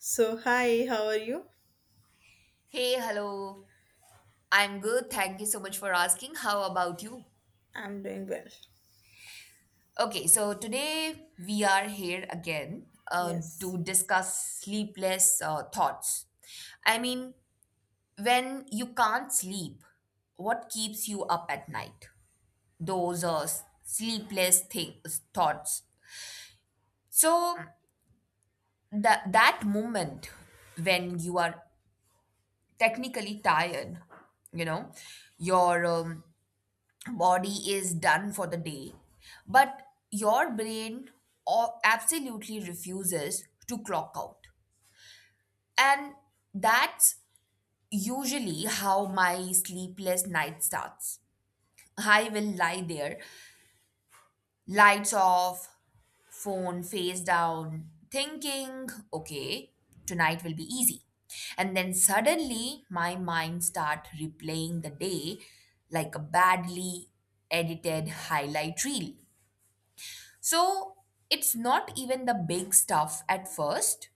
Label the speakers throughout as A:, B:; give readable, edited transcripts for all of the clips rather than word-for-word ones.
A: So, hi, how are you?
B: Hey, hello. I'm good. Thank you so much for asking. How about you?
A: I'm doing well.
B: Okay, so today we are here again
A: Yes.
B: to discuss sleepless thoughts. I mean, when you can't sleep, what keeps you up at night? Those sleepless things, thoughts. So that moment when you are technically tired, you know, your body is done for the day but your brain absolutely refuses to clock out, and that's usually how my sleepless night starts. I will lie there, lights off, phone face down, thinking, okay, tonight will be easy. And then suddenly my mind start replaying the day like a badly edited highlight reel. So it's not even the big stuff at first.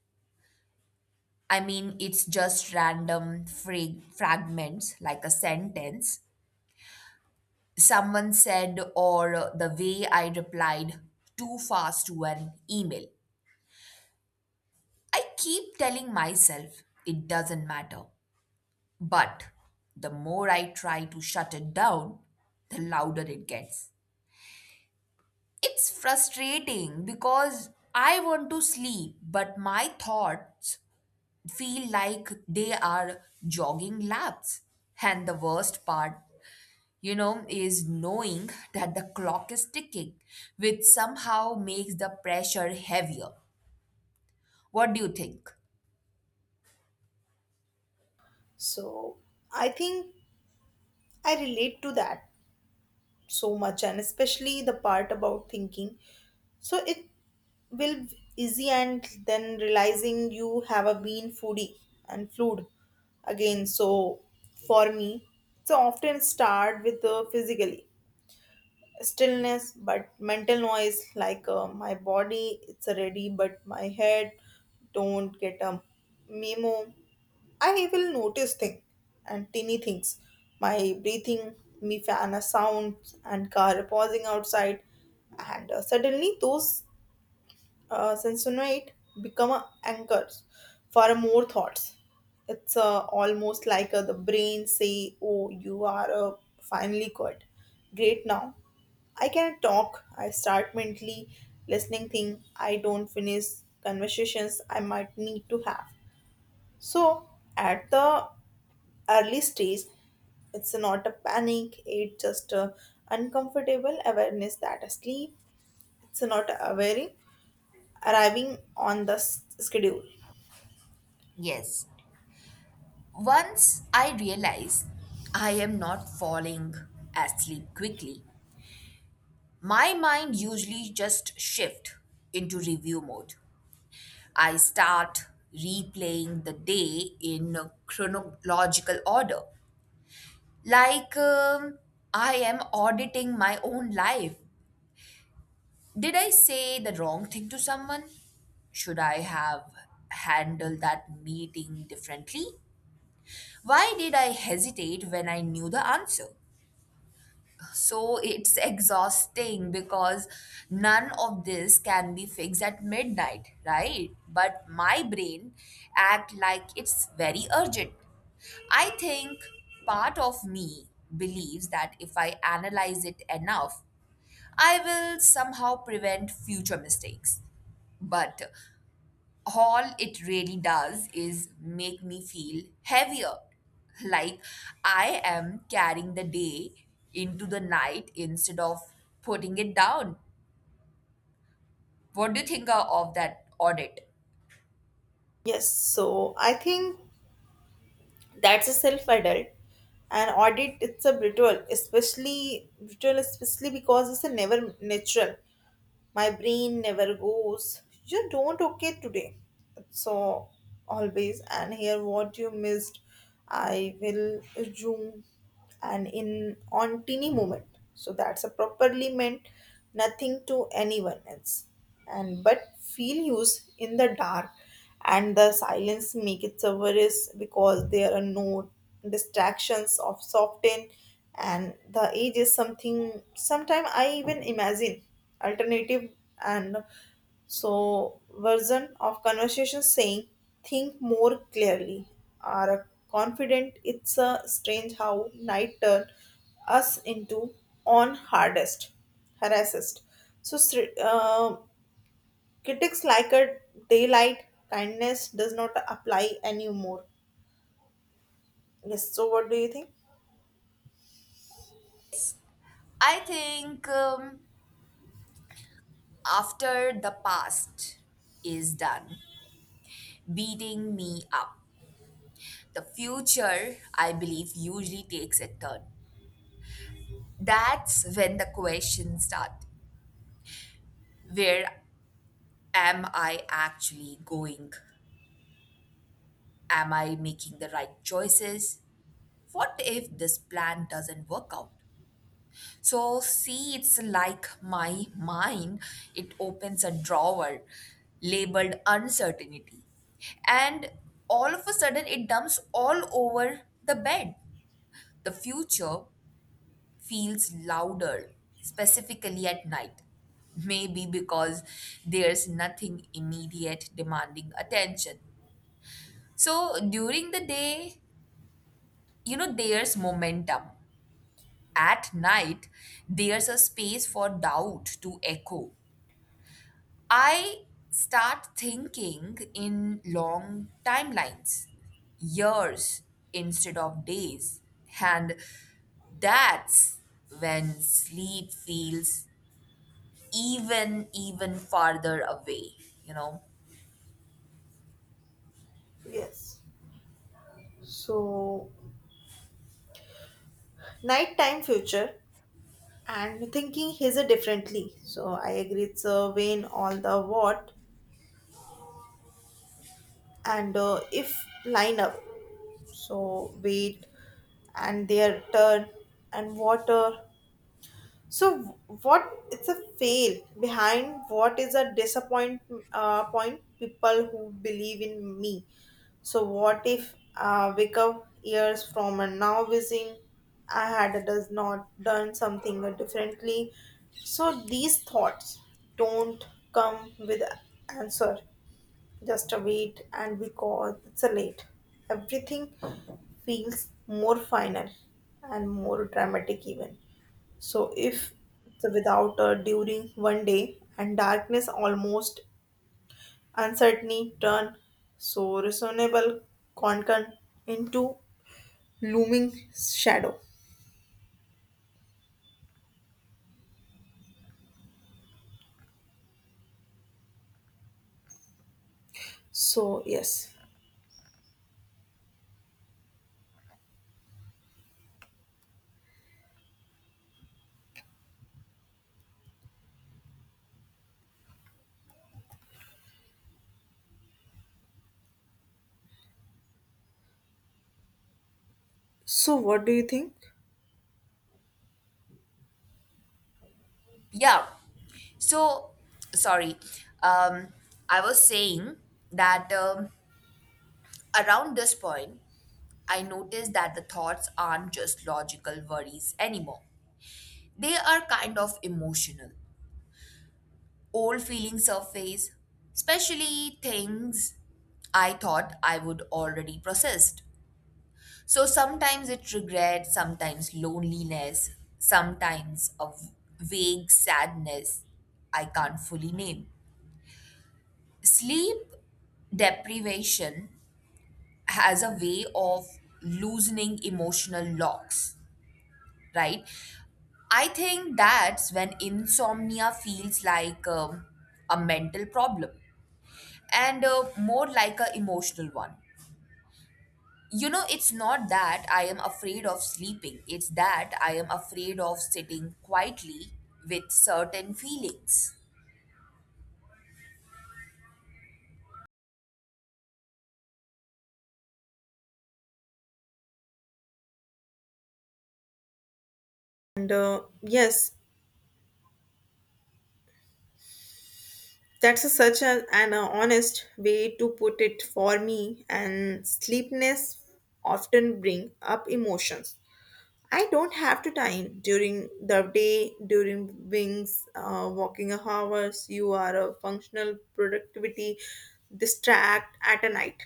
B: I mean, it's just random fragments like a sentence someone said, or the way I replied too fast to an email. I keep telling myself it doesn't matter. But the more I try to shut it down, the louder it gets. It's frustrating because I want to sleep, but my thoughts feel like they are jogging laps. And the worst part, you know, is knowing that the clock is ticking, which somehow makes the pressure heavier. What do you think?
A: So I think I relate to that so much, and especially the part about thinking. So it will easy, and then realizing you have a been foodie and food again. So for me, so often start with the physically stillness but mental noise like my body it's ready but my head don't get a memo. I will notice things and tiny things, my breathing, me fan a sound and car pausing outside, and suddenly those Samsonite become a anchors for more thoughts. It's almost like the brain say, "Oh, you are finally good, great now. I can talk." I start mentally listening thing. I don't finish conversations I might need to have. So at the early stage, it's not a panic. It's just a uncomfortable awareness that asleep. It's not a worrying arriving on the schedule.
B: Yes. Once I realize I am not falling asleep quickly, my mind usually just shift into review mode. I start replaying the day in chronological order. Like, um, I am auditing my own life. Did I say the wrong thing to someone? Should I have handled that meeting differently? Why did I hesitate when I knew the answer? So it's exhausting because none of this can be fixed at midnight, right? But my brain act like it's very urgent. I think part of me believes that if I analyze it enough, I will somehow prevent future mistakes. But all it really does is make me feel heavier, like I am carrying the day into the night instead of putting it down. What do you think of that audit?
A: Yes, so I think that's a self audit. An audit it's a brutal, especially because it's a never natural. My brain never goes you don't okay today, so always and here what you missed. I will zoom and in on teeny moment, so that's a properly meant nothing to anyone else and but feel used in the dark, and the silence make it service because there are no distractions of soften, and the age is something sometime I even imagine alternative, and so version of conversation saying think more clearly are confident. It's a strange how night turn us into on hardest harassed, so critics like a daylight kindness does not apply anymore. Yes, so what do you think?
B: I think after the past is done beating me up, the future, I believe, usually takes a turn. That's when the questions start. Where am I actually going? Am I making the right choices? What if this plan doesn't work out? So, see, it's like my mind, it opens a drawer labeled uncertainty. And all of a sudden, it dumps all over the bed. The future feels louder, specifically at night. Maybe because there's nothing immediate demanding attention. So during the day, you know, there's momentum. At night there's a space for doubt to echo. I start thinking in long timelines, years instead of days. And that's when sleep feels even farther away, you know.
A: Yes, so nighttime future and thinking his differently. So I agree it's a vein all the what, and if line up. So wait and their turn and water. So what it's a fail behind, what is a disappoint point people who believe in me. So what if wake up years from a now wishing I had does not done something differently. So these thoughts don't come with answer. Just a wait and because it's a late. Everything feels more final and more dramatic even. So if the without a during one day and darkness almost uncertainty turn so reasonable concern into looming shadow. So yes. So what do you think?
B: Yeah, so, sorry. Um, I was saying that around this point, I noticed that the thoughts aren't just logical worries anymore. They are kind of emotional. Old feelings surface, especially things I thought I would already processed. So sometimes it's regret, sometimes loneliness, sometimes a vague sadness I can't fully name. Sleep deprivation has a way of loosening emotional locks, right? I think that's when insomnia feels like a mental problem and more like an emotional one. You know, it's not that I am afraid of sleeping, it's that I am afraid of sitting quietly with certain feelings.
A: And yes, that's a, such a, an honest way to put it for me. And sleepness often bring up emotions I don't have to time during the day, during wings, walking hours. You are a functional productivity distract at a night.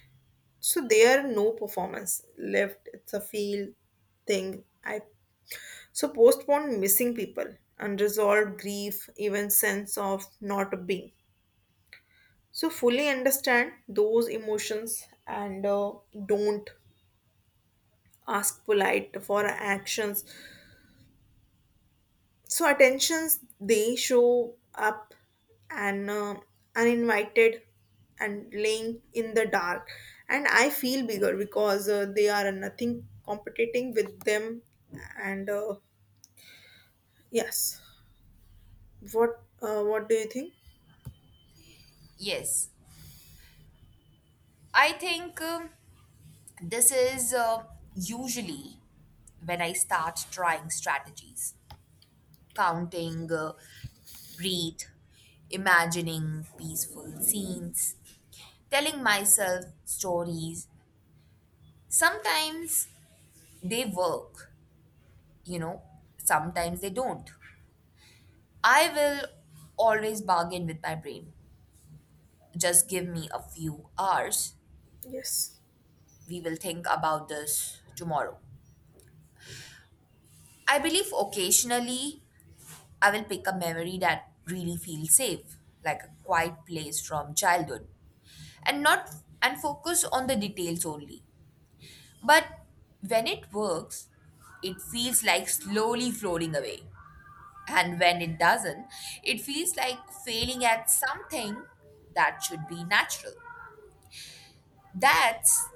A: So there are no performance left. It's a feel thing. I so postpone missing people, unresolved grief, even sense of not being. So fully understand those emotions and don't ask polite for actions so attentions they show up and uninvited and laying in the dark, and I feel bigger because they are nothing competing with them and yes, what do you think?
B: Yes, I think this is usually when I start trying strategies, counting, breathe, imagining peaceful scenes, telling myself stories. Sometimes they work, you know, sometimes they don't. I will always bargain with my brain. Just give me a few hours.
A: Yes,
B: We will think about this tomorrow. I believe occasionally I will pick a memory that really feels safe, like a quiet place from childhood, and not, and focus on the details only. But when it works, it feels like slowly floating away. And when it doesn't, it feels like failing at something that should be natural. That's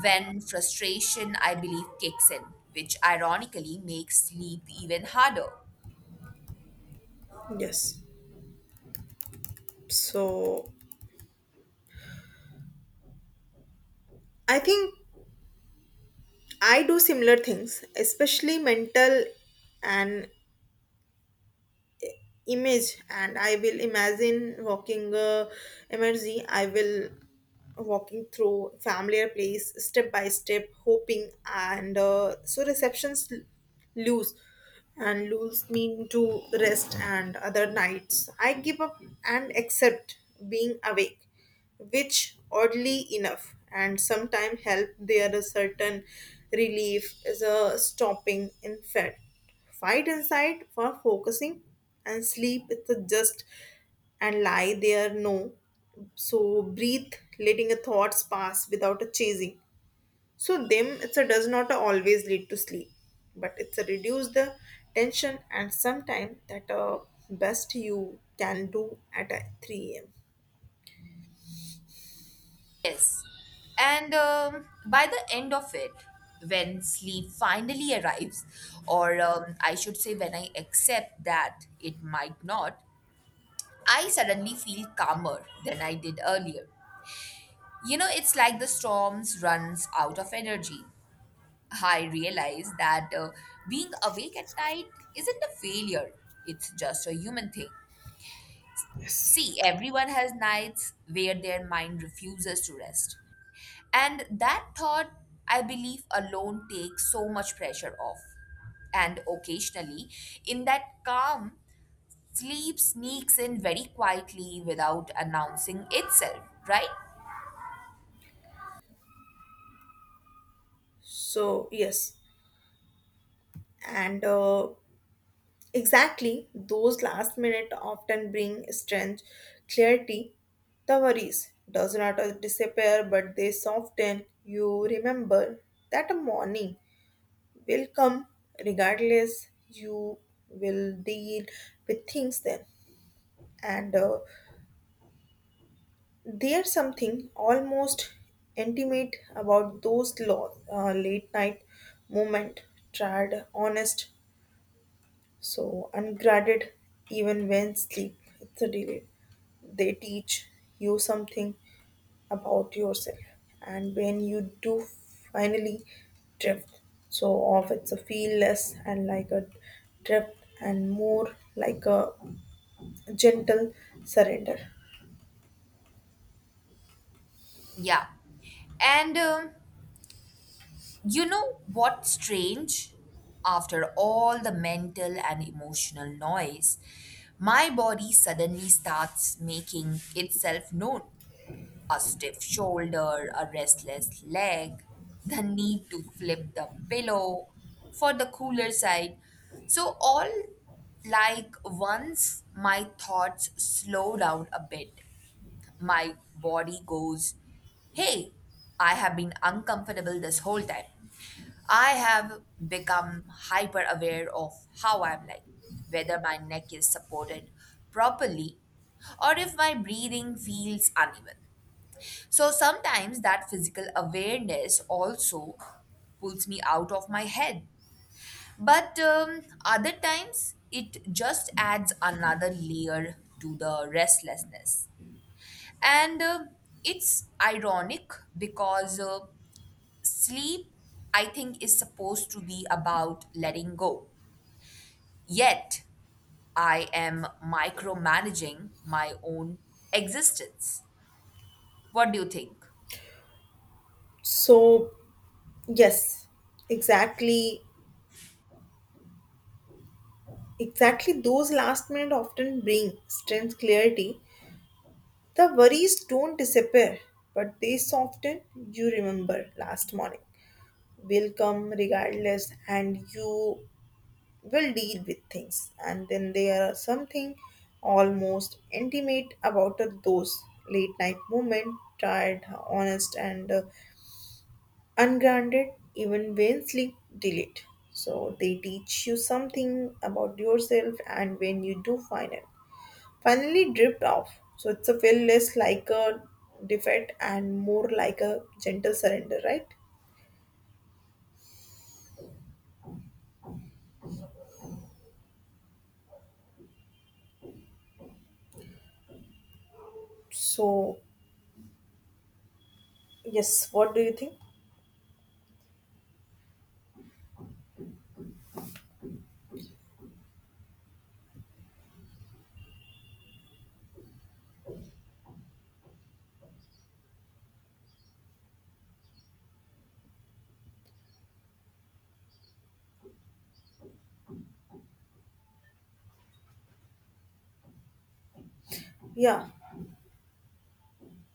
B: when frustration, I believe, kicks in, which ironically makes sleep even harder.
A: yes, so I think I do similar things, especially mental and image, and I will imagine walking, emergency I will walking through familiar place step by step hoping and so receptions lose and lose mean to rest, and other nights I give up and accept being awake, which oddly enough and sometimes help. There a certain relief is a stopping in fact. Fight inside for focusing and sleep is the just and lie there no. So breathe, letting the thoughts pass without a chasing. So them it's a does not always lead to sleep, but it's a reduce the tension, and sometime that best you can do at 3 a.m.
B: Yes. And by the end of it, when sleep finally arrives, or I should say, when I accept that it might not, I suddenly feel calmer than I did earlier. You know, it's like the storms runs out of energy. I realize that being awake at night isn't a failure, it's just a human thing. See, everyone has nights where their mind refuses to rest. And that thought, I believe, alone takes so much pressure off. And occasionally, in that calm, sleep sneaks in very quietly without announcing itself, right?
A: So yes, and exactly, those last minute often bring strength, clarity. The worries does not disappear, but they soften. You remember that a morning will come regardless. You will deal with things then, and there's something almost intimate about those late night moment. Tried, honest, so, ungraded, even when sleep it's a delay, they teach you something about yourself. And when you do finally drift, so off it's a feel less and like a drift and more like a gentle surrender.
B: Yeah. And you know what's strange? After all the mental and emotional noise, my body suddenly starts making itself known: a stiff shoulder, a restless leg, the need to flip the pillow for the cooler side. So, all like, once my thoughts slow down a bit, my body goes, "Hey, I have been uncomfortable this whole time." I have become hyper aware of how I'm like, whether my neck is supported properly or if my breathing feels uneven. So sometimes that physical awareness also pulls me out of my head. But other times it just adds another layer to the restlessness. And it's ironic because sleep, I think, is supposed to be about letting go. Yet I am micromanaging my own existence. What do you think?
A: So, yes, exactly. Exactly, those last minute often bring strength, clarity. The worries don't disappear, but they soften. You remember last morning will come regardless, and you will deal with things. And then there are something almost intimate about those late night moments, tired, honest, and ungrounded, even when sleep delayed. So they teach you something about yourself, and when you do find it finally dripped off. So it's a feel less like a defeat and more like a gentle surrender, right? So yes, what do you think? Yeah.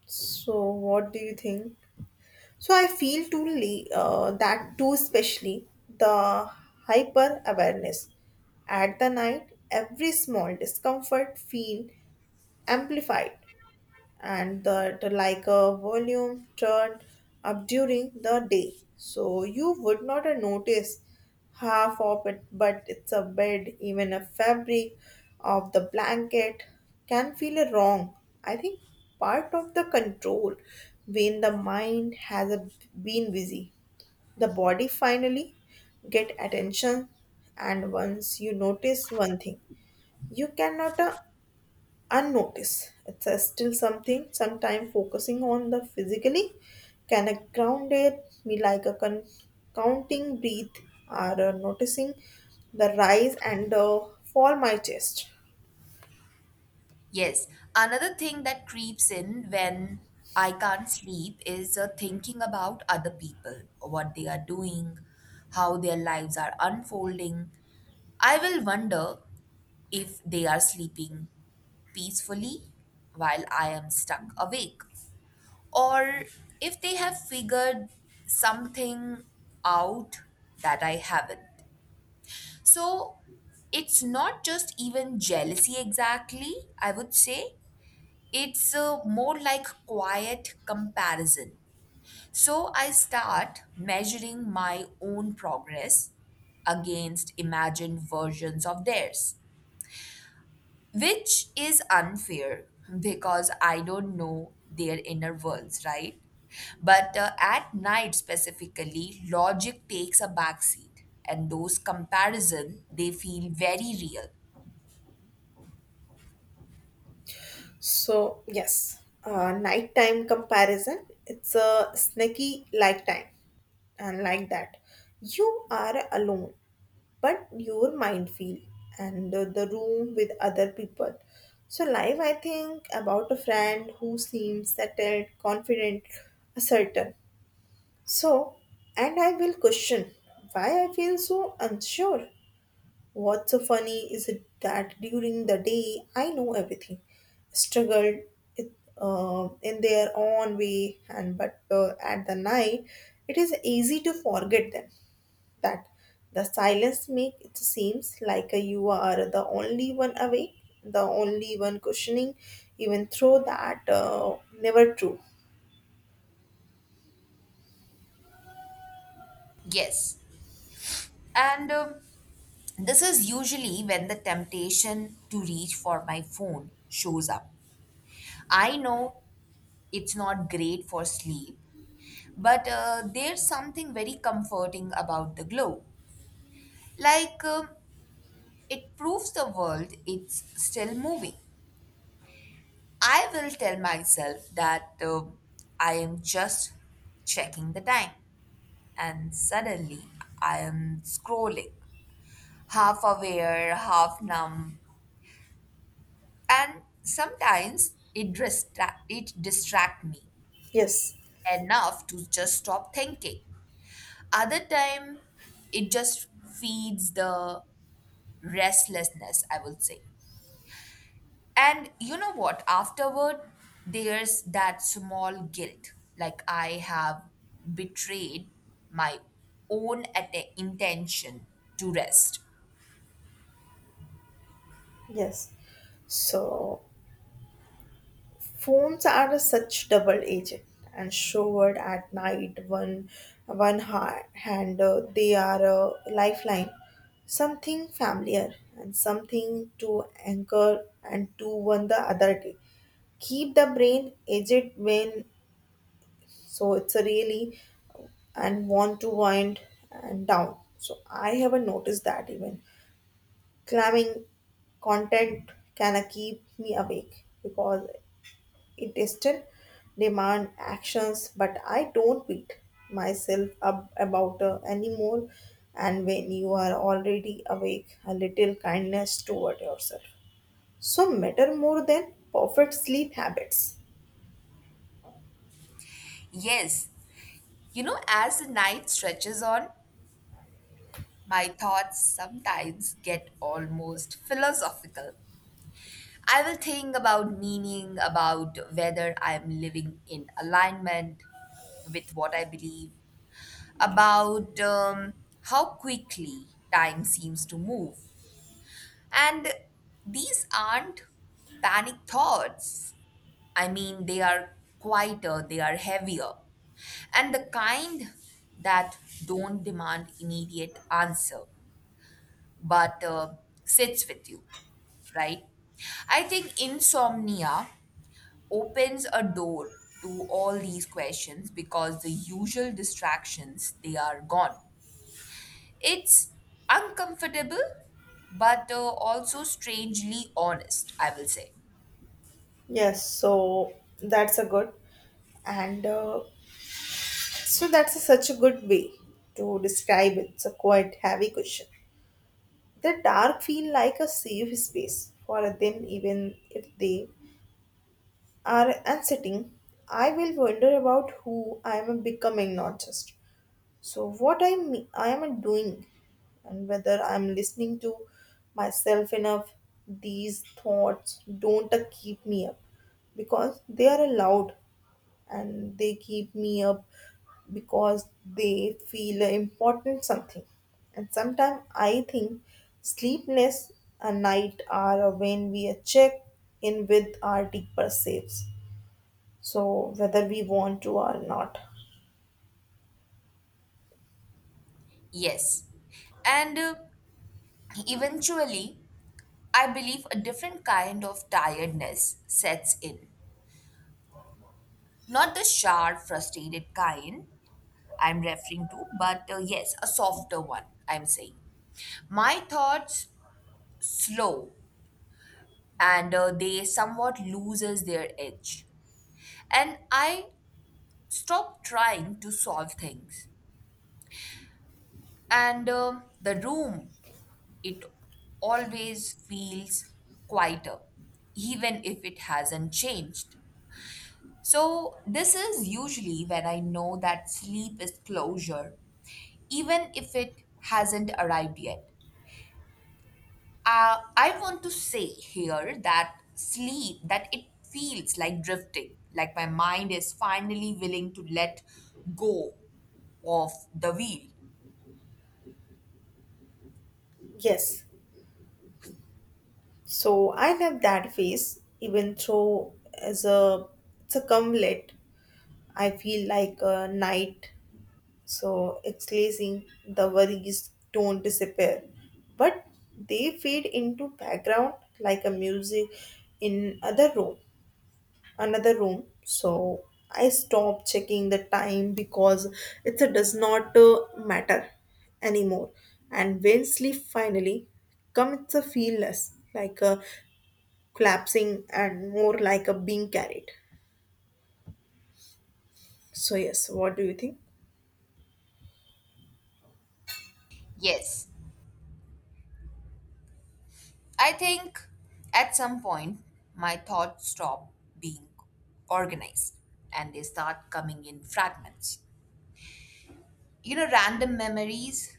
A: So what do you think? So I feel that too, especially the hyper awareness at the night. Every small discomfort feel amplified, and that like a volume turned up during the day. So you would not notice half of it, but it's a bed, even a fabric of the blanket can feel a wrong. I think part of the control when the mind been busy, the body finally get attention, and once you notice one thing you cannot unnoticed. It's a still something, sometimes focusing on the physically can a grounded me like a counting breath or noticing the rise and fall my chest.
B: Yes, another thing that creeps in when I can't sleep is thinking about other people, what they are doing, how their lives are unfolding. I will wonder if they are sleeping peacefully while I am stuck awake, or if they have figured something out that I haven't. So it's not just even jealousy exactly, I would say it's a more like quiet comparison. So I start measuring my own progress against imagined versions of theirs, which is unfair because I don't know their inner worlds, right? But at night specifically, logic takes a backseat and those comparison they feel very real.
A: So yes, nighttime comparison. It's a snacky like time and like that. You are alone, but your mind feel and the room with other people. So live, I think about a friend who seems settled, confident, certain. So, and I will question why I feel so unsure. What's so funny is it that during the day I know everything, struggled it, in their own way, and but at the night it is easy to forget them. That the silence make it seems like you are the only one awake, the only one questioning, even though that never true.
B: Yes. And this is usually when the temptation to reach for my phone shows up. I know it's not great for sleep, but there's something very comforting about the glow. Like it proves the world it's still moving. I will tell myself that I am just checking the time, and suddenly I am scrolling, half aware, half numb. And sometimes it distract me
A: Yes,
B: enough to just stop thinking. Other time, it just feeds the restlessness, I would say. And you know what? Afterward, there's that small guilt, like I have betrayed my own intention to rest.
A: yes. So phones are a such double agent, and showered at night, one hand they are a lifeline, something familiar and something to anchor, and to one the other day keep the brain aged when so it's a really and want to wind and down. So I haven't noticed that even climbing content can keep me awake because it still demand actions, but I don't beat myself up about anymore. And when you are already awake, a little kindness toward yourself. So matter more than perfect sleep habits.
B: Yes, you know, as the night stretches on, my thoughts sometimes get almost philosophical. I will think about meaning, about whether I am living in alignment with what I believe, about how quickly time seems to move. And these aren't panic thoughts. I mean, they are quieter, they are heavier, and the kind that don't demand immediate answer but sits with you, right? I think insomnia opens a door to all these questions because the usual distractions they are gone. It's uncomfortable but also strangely honest, I will say.
A: Yes, so that's a good and so that's a, such a good way to describe it. It's a quite heavy question. The dark feel like a safe space for them, even if they are and sitting, I will wonder about who I am becoming, not just. So what I me- I am doing, and whether I am listening to myself enough. These thoughts don't keep me up because they are allowed, and they keep me up because they feel important something. And sometimes I think sleepless a night are when we check in with our deeper selves, so whether we want to or not.
B: Yes. And eventually, I believe a different kind of tiredness sets in. Not the sharp, frustrated kind, I'm referring to, but yes, a softer one, I'm saying. My thoughts slow and they somewhat loses their edge. And I stop trying to solve things. And the room, it always feels quieter, even if it hasn't changed. So, this is usually when I know that sleep is closure, even if it hasn't arrived yet. I want to say here that sleep, that it feels like drifting, like my mind is finally willing to let go of the wheel.
A: Yes, so I love that phase, even though as a it's a cumlet, I feel like a night, so it's glazing. The worries don't disappear, but they fade into background like a music in other room another room. So I stopped checking the time because it does not matter anymore, and when sleep finally comes, it's a feel less like a collapsing and more like a being carried. So yes, what do you think?
B: Yes, I think at some point my thoughts stop being organized and they start coming in fragments. You know, random memories,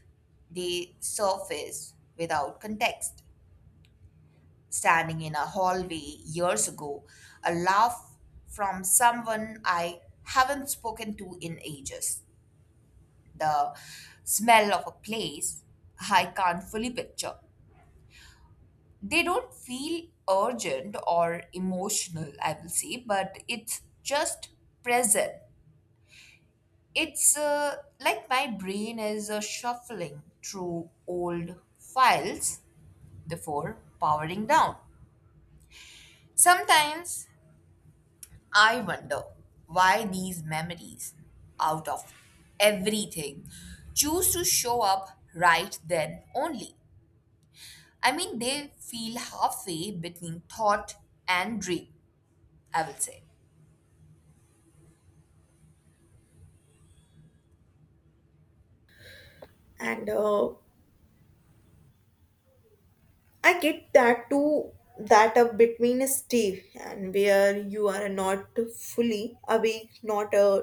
B: they surface without context. Standing in a hallway years ago, a laugh from someone I haven't spoken to in ages, the smell of a place I can't fully picture. They don't feel urgent or emotional, I will say, but it's just present. It's like my brain is shuffling through old files before powering down. Sometimes I wonder why these memories, out of everything, choose to show up right then only. I mean, they feel halfway between thought and dream, I will say.
A: And I get that too, that a between a stay and where you are not fully awake, not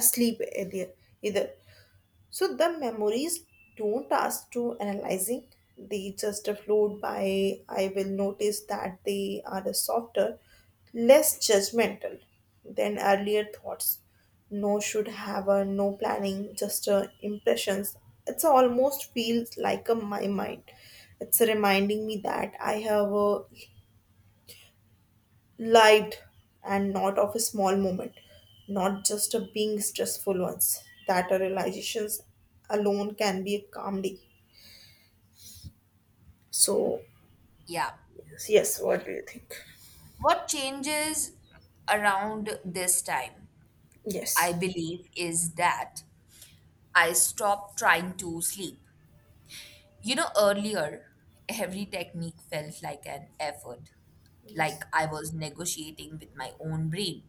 A: asleep either. So the memories don't ask to analyzing. They just float by. I will notice that they are softer, less judgmental than earlier thoughts. No should have a no planning, just impressions. It's almost feels like a my mind. It's reminding me that I have lived and not of a small moment, not just of being stressful ones. That our realizations alone can be a calm day. So
B: Yeah.
A: yes, what do you think?
B: What changes around this time, I
A: Yes.
B: believe, is that I stopped trying to sleep. You know, earlier, every technique felt like an effort, like
A: Yes.
B: I was negotiating with my own brain.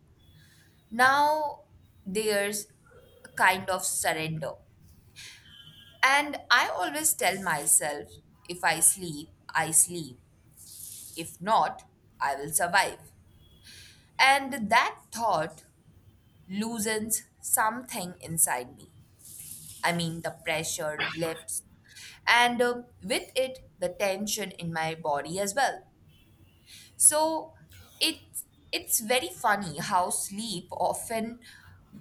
B: Now there's a kind of surrender. And I always tell myself, if I sleep, I sleep. If not, I will survive. And that thought loosens something inside me. I mean, the pressure lifts, and with it, the tension in my body as well. So it's it's very funny how sleep often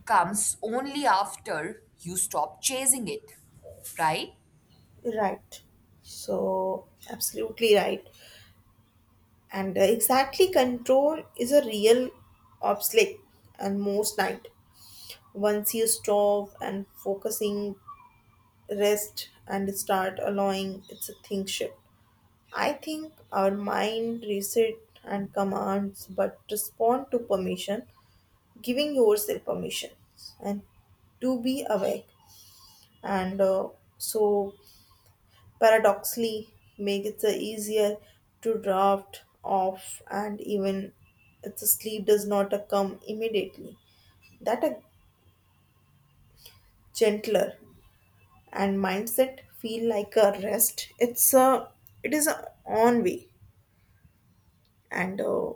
B: comes only after you stop chasing it, right?
A: Right. So absolutely right. And exactly control is a real obstacle and most night. Once you stop and focusing rest and start allowing, it's a thing shift. I think our mind resets and commands but respond to permission, giving yourself permission and to be awake. And so, paradoxically, make it easier to draft off, and even if the sleep does not come immediately, that a gentler and mindset feel like a rest. It's a it is a on way, and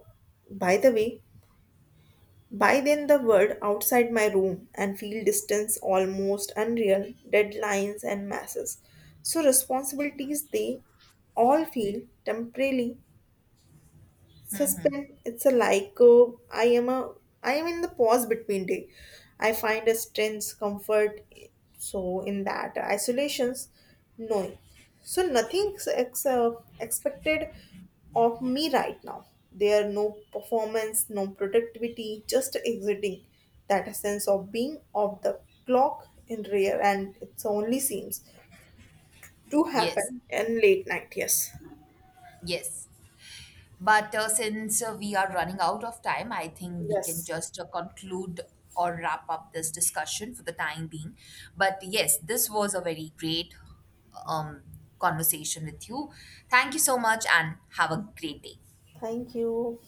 A: by the way, by then, the world outside my room and feel distance almost unreal, deadlines and masses. So, responsibilities they all feel temporarily suspend. It's a like oh, I am a I am in the pause between day. I find a strength, comfort so in that isolations knowing. So nothing expected of me right now. There are no performance, no productivity, just exiting that sense of being off the clock in rare, and it only seems to
B: Yes,
A: happen in late night. Yes.
B: yes. But since we are running out of time, I think we can
A: Yes.
B: just conclude or wrap up this discussion for the time being. But yes, this was a very great um, conversation with you. Thank you so much and have a great day.
A: Thank you.